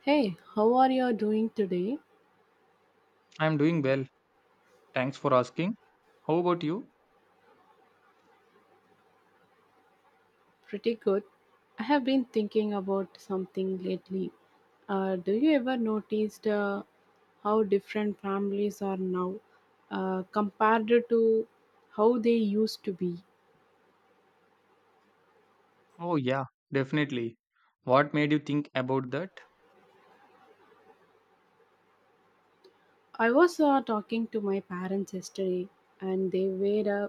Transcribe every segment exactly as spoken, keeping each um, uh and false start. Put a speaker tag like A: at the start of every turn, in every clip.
A: Hey, how are you doing today?
B: I'm doing well. Thanks for asking. How about you?
A: Pretty good. I have been thinking about something lately. Uh, do you ever noticed uh, how different families are now uh, compared to how they used to be?
B: Oh, yeah, definitely. What made you think about that?
A: I was uh, talking to my parents yesterday, and they were uh,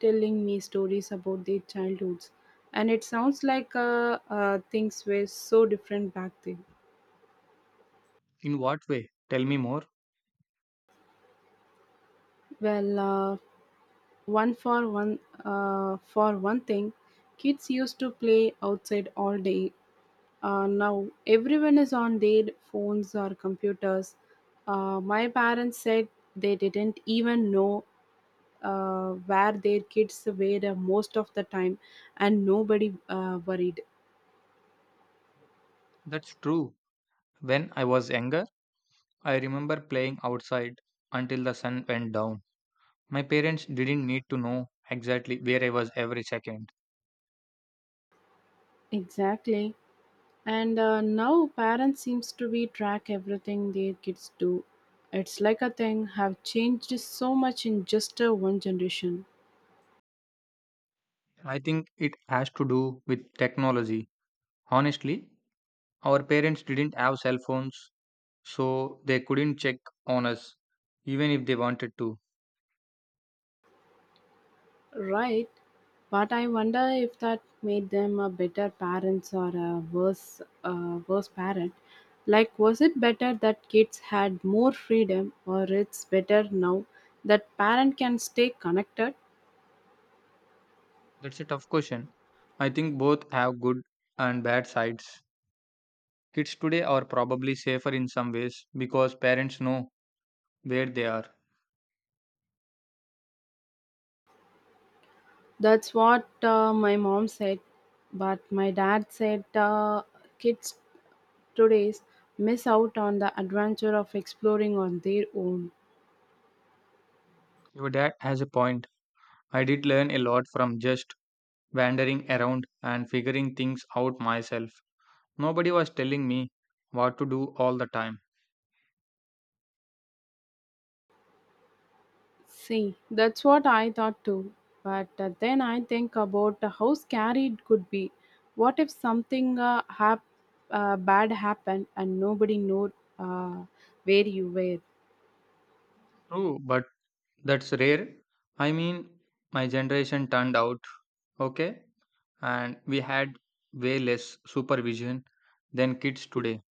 A: telling me stories about their childhoods, and it sounds like uh, uh, things were so different back then.
B: In what way? Tell me more.
A: Well, uh, One for one, uh, for one thing, kids used to play outside all day. Uh, now everyone is on their phones or computers. Uh, my parents said they didn't even know uh, where their kids were uh, most of the time, and nobody uh, worried.
B: That's true. When I was younger, I remember playing outside until the sun went down. My parents didn't need to know exactly where I was every second.
A: Exactly. And uh, now parents seems to be track everything their kids do. It's like a thing have changed so much in just uh, one generation.
B: I think it has to do with technology. Honestly, our parents didn't have cell phones, so they couldn't check on us, even if they wanted to.
A: Right, but I wonder if that made them a better parents or a worse, uh, worse parent. Like, was it better that kids had more freedom, or it's better now that parent can stay connected?
B: That's a tough question. I think both have good and bad sides. Kids today are probably safer in some ways because parents know where they are.
A: That's what uh, my mom said, but my dad said uh, kids today's miss out on the adventure of exploring on their own.
B: Your dad has a point. I did learn a lot from just wandering around and figuring things out myself. Nobody was telling me what to do all the time.
A: See, that's what I thought too. But uh, then I think about how scary it could be. What if something uh, hap- uh, bad happened and nobody knew uh, where you were?
B: True, but that's rare. I mean, my generation turned out okay, and we had way less supervision than kids today.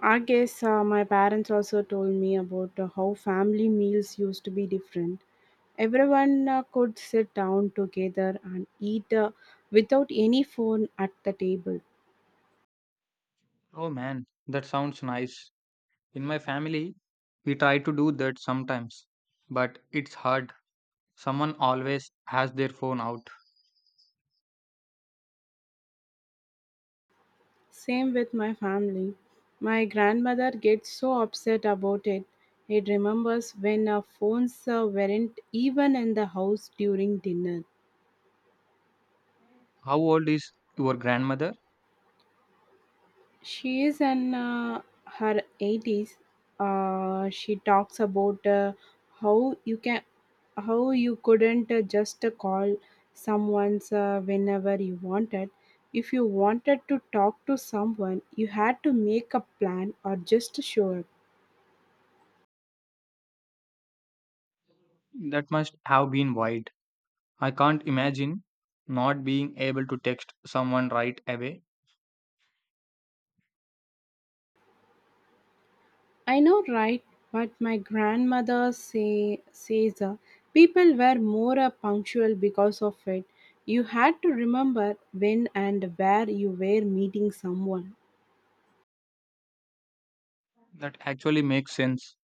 A: I guess uh, my parents also told me about uh, how family meals used to be different. Everyone uh, could sit down together and eat uh, without any phone at the table.
B: Oh man, that sounds nice. In my family, we try to do that sometimes, but it's hard. Someone always has their phone out.
A: Same with my family. My grandmother gets so upset about it. It remembers when our phones uh, weren't even in the house during dinner.
B: How old is your grandmother?
A: She is in uh, her eighties. Uh, she talks about uh, how you can how you couldn't uh, just uh, call someone's uh, whenever you wanted. If you wanted to talk to someone, you had to make a plan or just show up.
B: That must have been wide. I can't imagine not being able to text someone right away.
A: I know, right? But my grandmother say, says uh, people were more uh, punctual because of it. You had to remember when and where you were meeting someone.
B: That actually makes sense.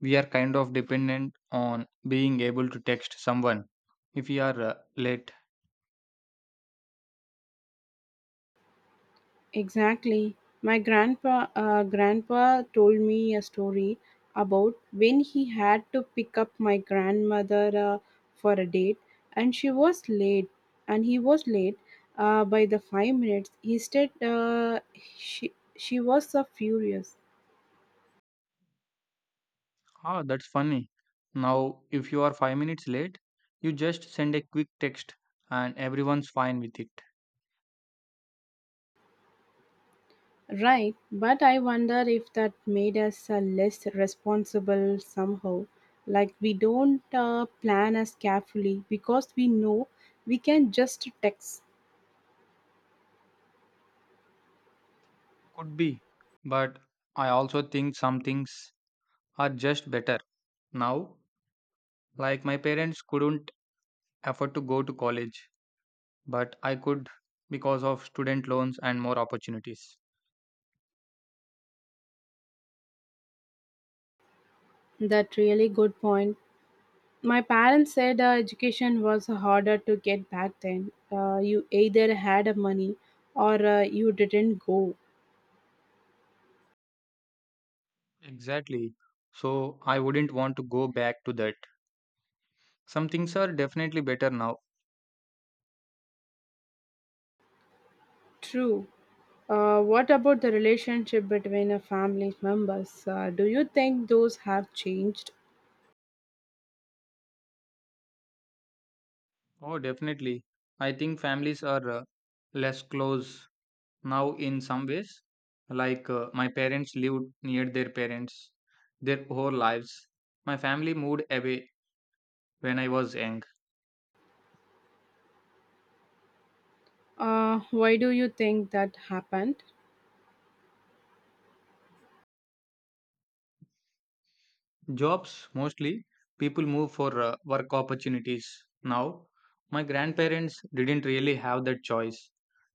B: We are kind of dependent on being able to text someone if we are uh, late.
A: Exactly. My grandpa uh, grandpa told me a story about when he had to pick up my grandmother uh, for a date and she was late and he was late uh, by the five minutes. He said uh, she she was uh, furious.
B: Ah, that's funny. Now, if you are five minutes late, you just send a quick text and everyone's fine with it.
A: Right, but I wonder if that made us uh, less responsible somehow. Like we don't uh, plan as carefully because we know we can just text.
B: Could be. But I also think some things are just better now. Like my parents couldn't afford to go to college, but I could because of student loans and more opportunities.
A: That really good point. My parents said uh, education was harder to get back then. Uh, you either had money or uh, you didn't go.
B: Exactly. So I wouldn't want to go back to that. Some things are definitely better now.
A: True. Uh, what about the relationship between a family members? Uh, do you think those have changed?
B: Oh, definitely. I think families are uh, less close now in some ways, like uh, my parents lived near their parents their whole lives. My family moved away when I was young.
A: Uh, why do you think that happened?
B: Jobs mostly. People move for uh, work opportunities now. My grandparents didn't really have that choice.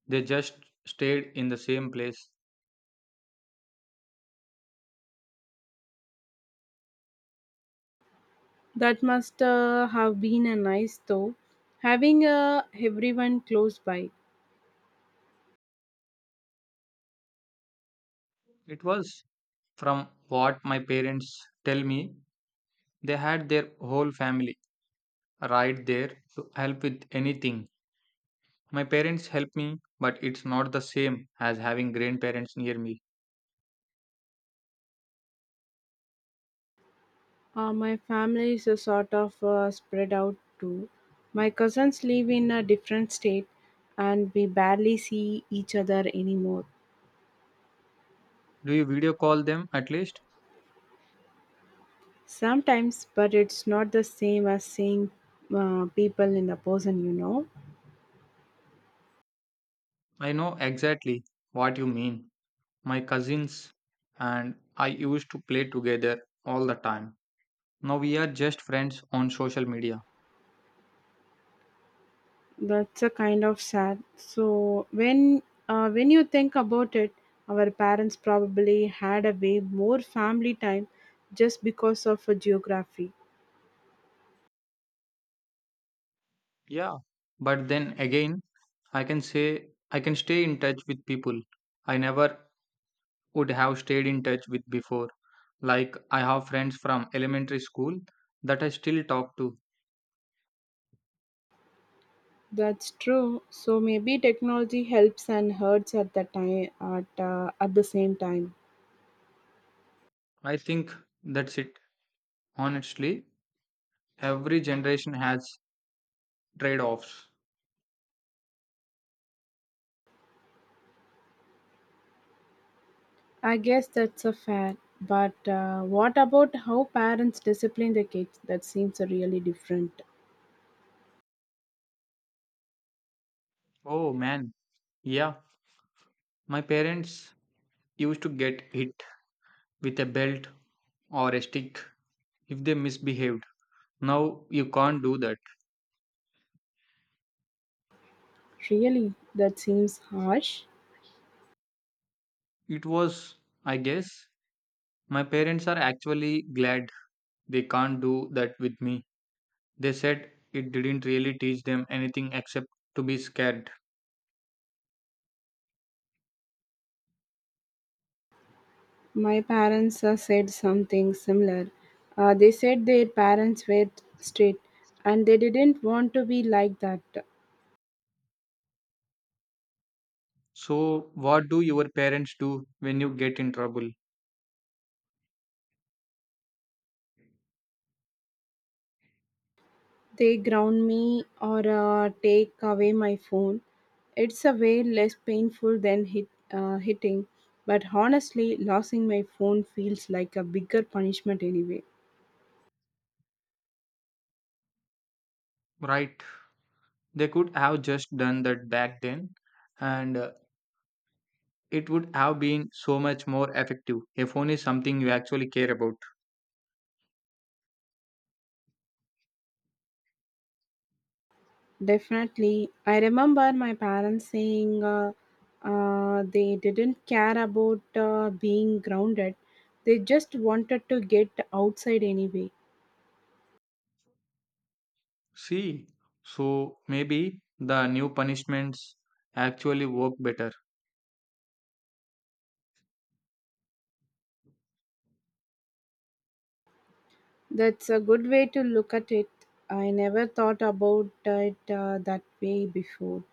B: They just stayed in the same place.
A: That must uh, have been a nice though, having uh, everyone close by.
B: It was, from what my parents tell me, they had their whole family right there to help with anything. My parents help me, but it's not the same as having grandparents near me.
A: Uh, my family is a sort of uh, spread out too. My cousins live in a different state, and we barely see each other anymore.
B: Do you video call them at least?
A: Sometimes, but it's not the same as seeing uh, people in the person, you know.
B: I know exactly what you mean. My cousins and I used to play together all the time. Now we are just friends on social media.
A: That's a kind of sad. So when uh, when you think about it, our parents probably had a way more family time just because of a geography.
B: Yeah, but then again, I can say I can stay in touch with people I never would have stayed in touch with before. Like, I have friends from elementary school that I still talk to.
A: That's true. So maybe technology helps and hurts at the time at uh, at the same time.
B: I think that's it. Honestly, every generation has trade offs.
A: I guess that's a fair. But uh, what about how parents discipline the kids? That seems really different.
B: Oh man, yeah. My parents used to get hit with a belt or a stick if they misbehaved. Now you can't do that.
A: Really, that seems harsh.
B: It was, I guess. My parents are actually glad they can't do that with me. They said it didn't really teach them anything except to be scared.
A: My parents uh, said something similar. Uh, they said their parents were strict and they didn't want to be like that.
B: So, what do your parents do when you get in trouble?
A: They ground me or uh, take away my phone. It's a way less painful than hit, uh, hitting, but honestly, losing my phone feels like a bigger punishment anyway.
B: Right, they could have just done that back then, and uh, it would have been so much more effective. A phone is something you actually care about.
A: Definitely. I remember my parents saying uh, uh, they didn't care about uh, being grounded, they just wanted to get outside anyway.
B: See, so maybe the new punishments actually work better.
A: That's a good way to look at it. I never thought about it uh, that way before.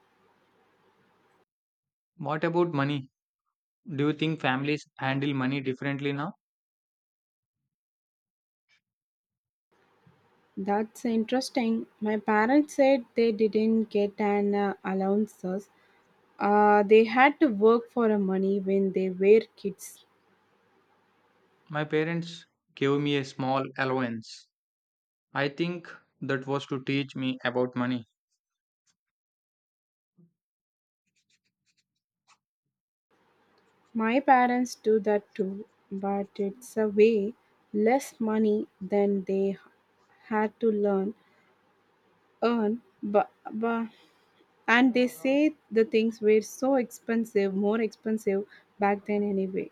B: What about money? Do you think families handle money differently now?
A: That's interesting. My parents said they didn't get an uh, allowances. Uh, they had to work for uh, money when they were kids.
B: My parents gave me a small allowance. I think that was to teach me about money.
A: My parents do that too, but it's a way less money than they had to learn earn but, but and they say the things were so expensive more expensive back then anyway.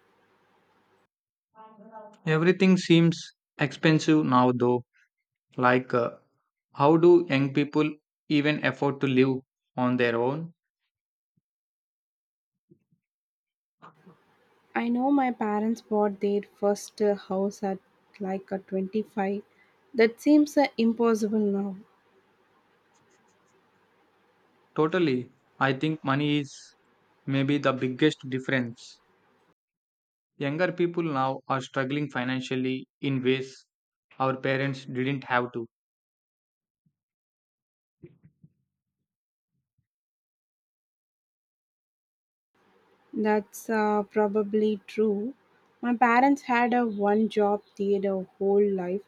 B: Everything seems expensive now, though. Like, uh, how do young people even afford to live on their own?
A: I know my parents bought their first uh, house at like a twenty-five. That seems uh, impossible now.
B: Totally. I think money is maybe the biggest difference. Younger people now are struggling financially in ways our parents didn't have to.
A: That's uh, probably true. My parents had a one job their whole life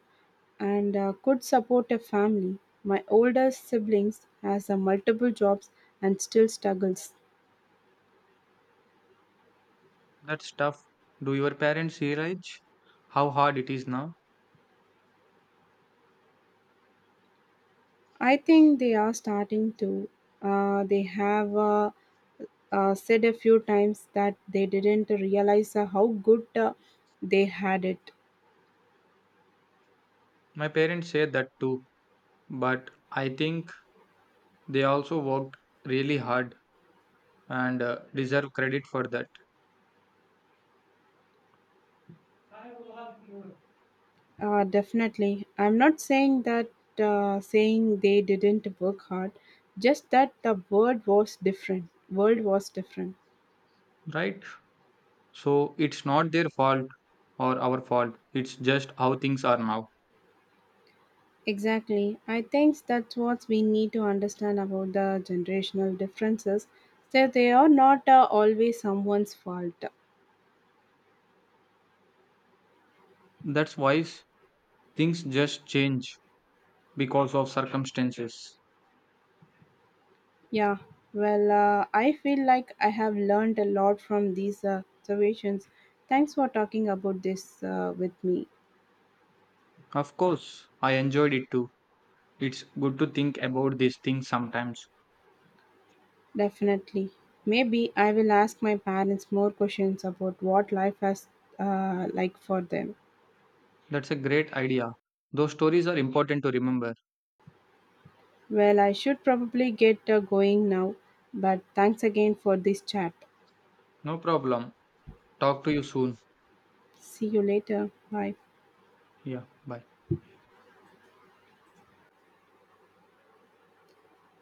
A: and uh, could support a family. My older siblings has uh, multiple jobs and still struggles.
B: That's tough. Do your parents realize how hard it is now?
A: I think they are starting to. Uh, they have uh, uh, said a few times that they didn't realize uh, how good uh, they had it.
B: My parents say that too, but I think they also worked really hard and uh, deserve credit for that,
A: Uh, definitely, I'm not saying that uh, saying they didn't work hard, just that the world was different. World was different.
B: right? So it's not their fault or our fault, it's just how things are now.
A: Exactly. I think that's what we need to understand about the generational differences, that they are not uh, always someone's fault.
B: That's why things just change, because of circumstances.
A: Yeah. Well, uh, I feel like I have learned a lot from these uh, observations. Thanks for talking about this uh, with me.
B: Of course, I enjoyed it too. It's good to think about these things sometimes.
A: Definitely. Maybe I will ask my parents more questions about what life has uh, like for them.
B: That's a great idea. Those stories are important to remember.
A: Well, I should probably get uh, going now, but thanks again for this chat.
B: No problem. Talk to you soon.
A: See you later. Bye.
B: Yeah, bye.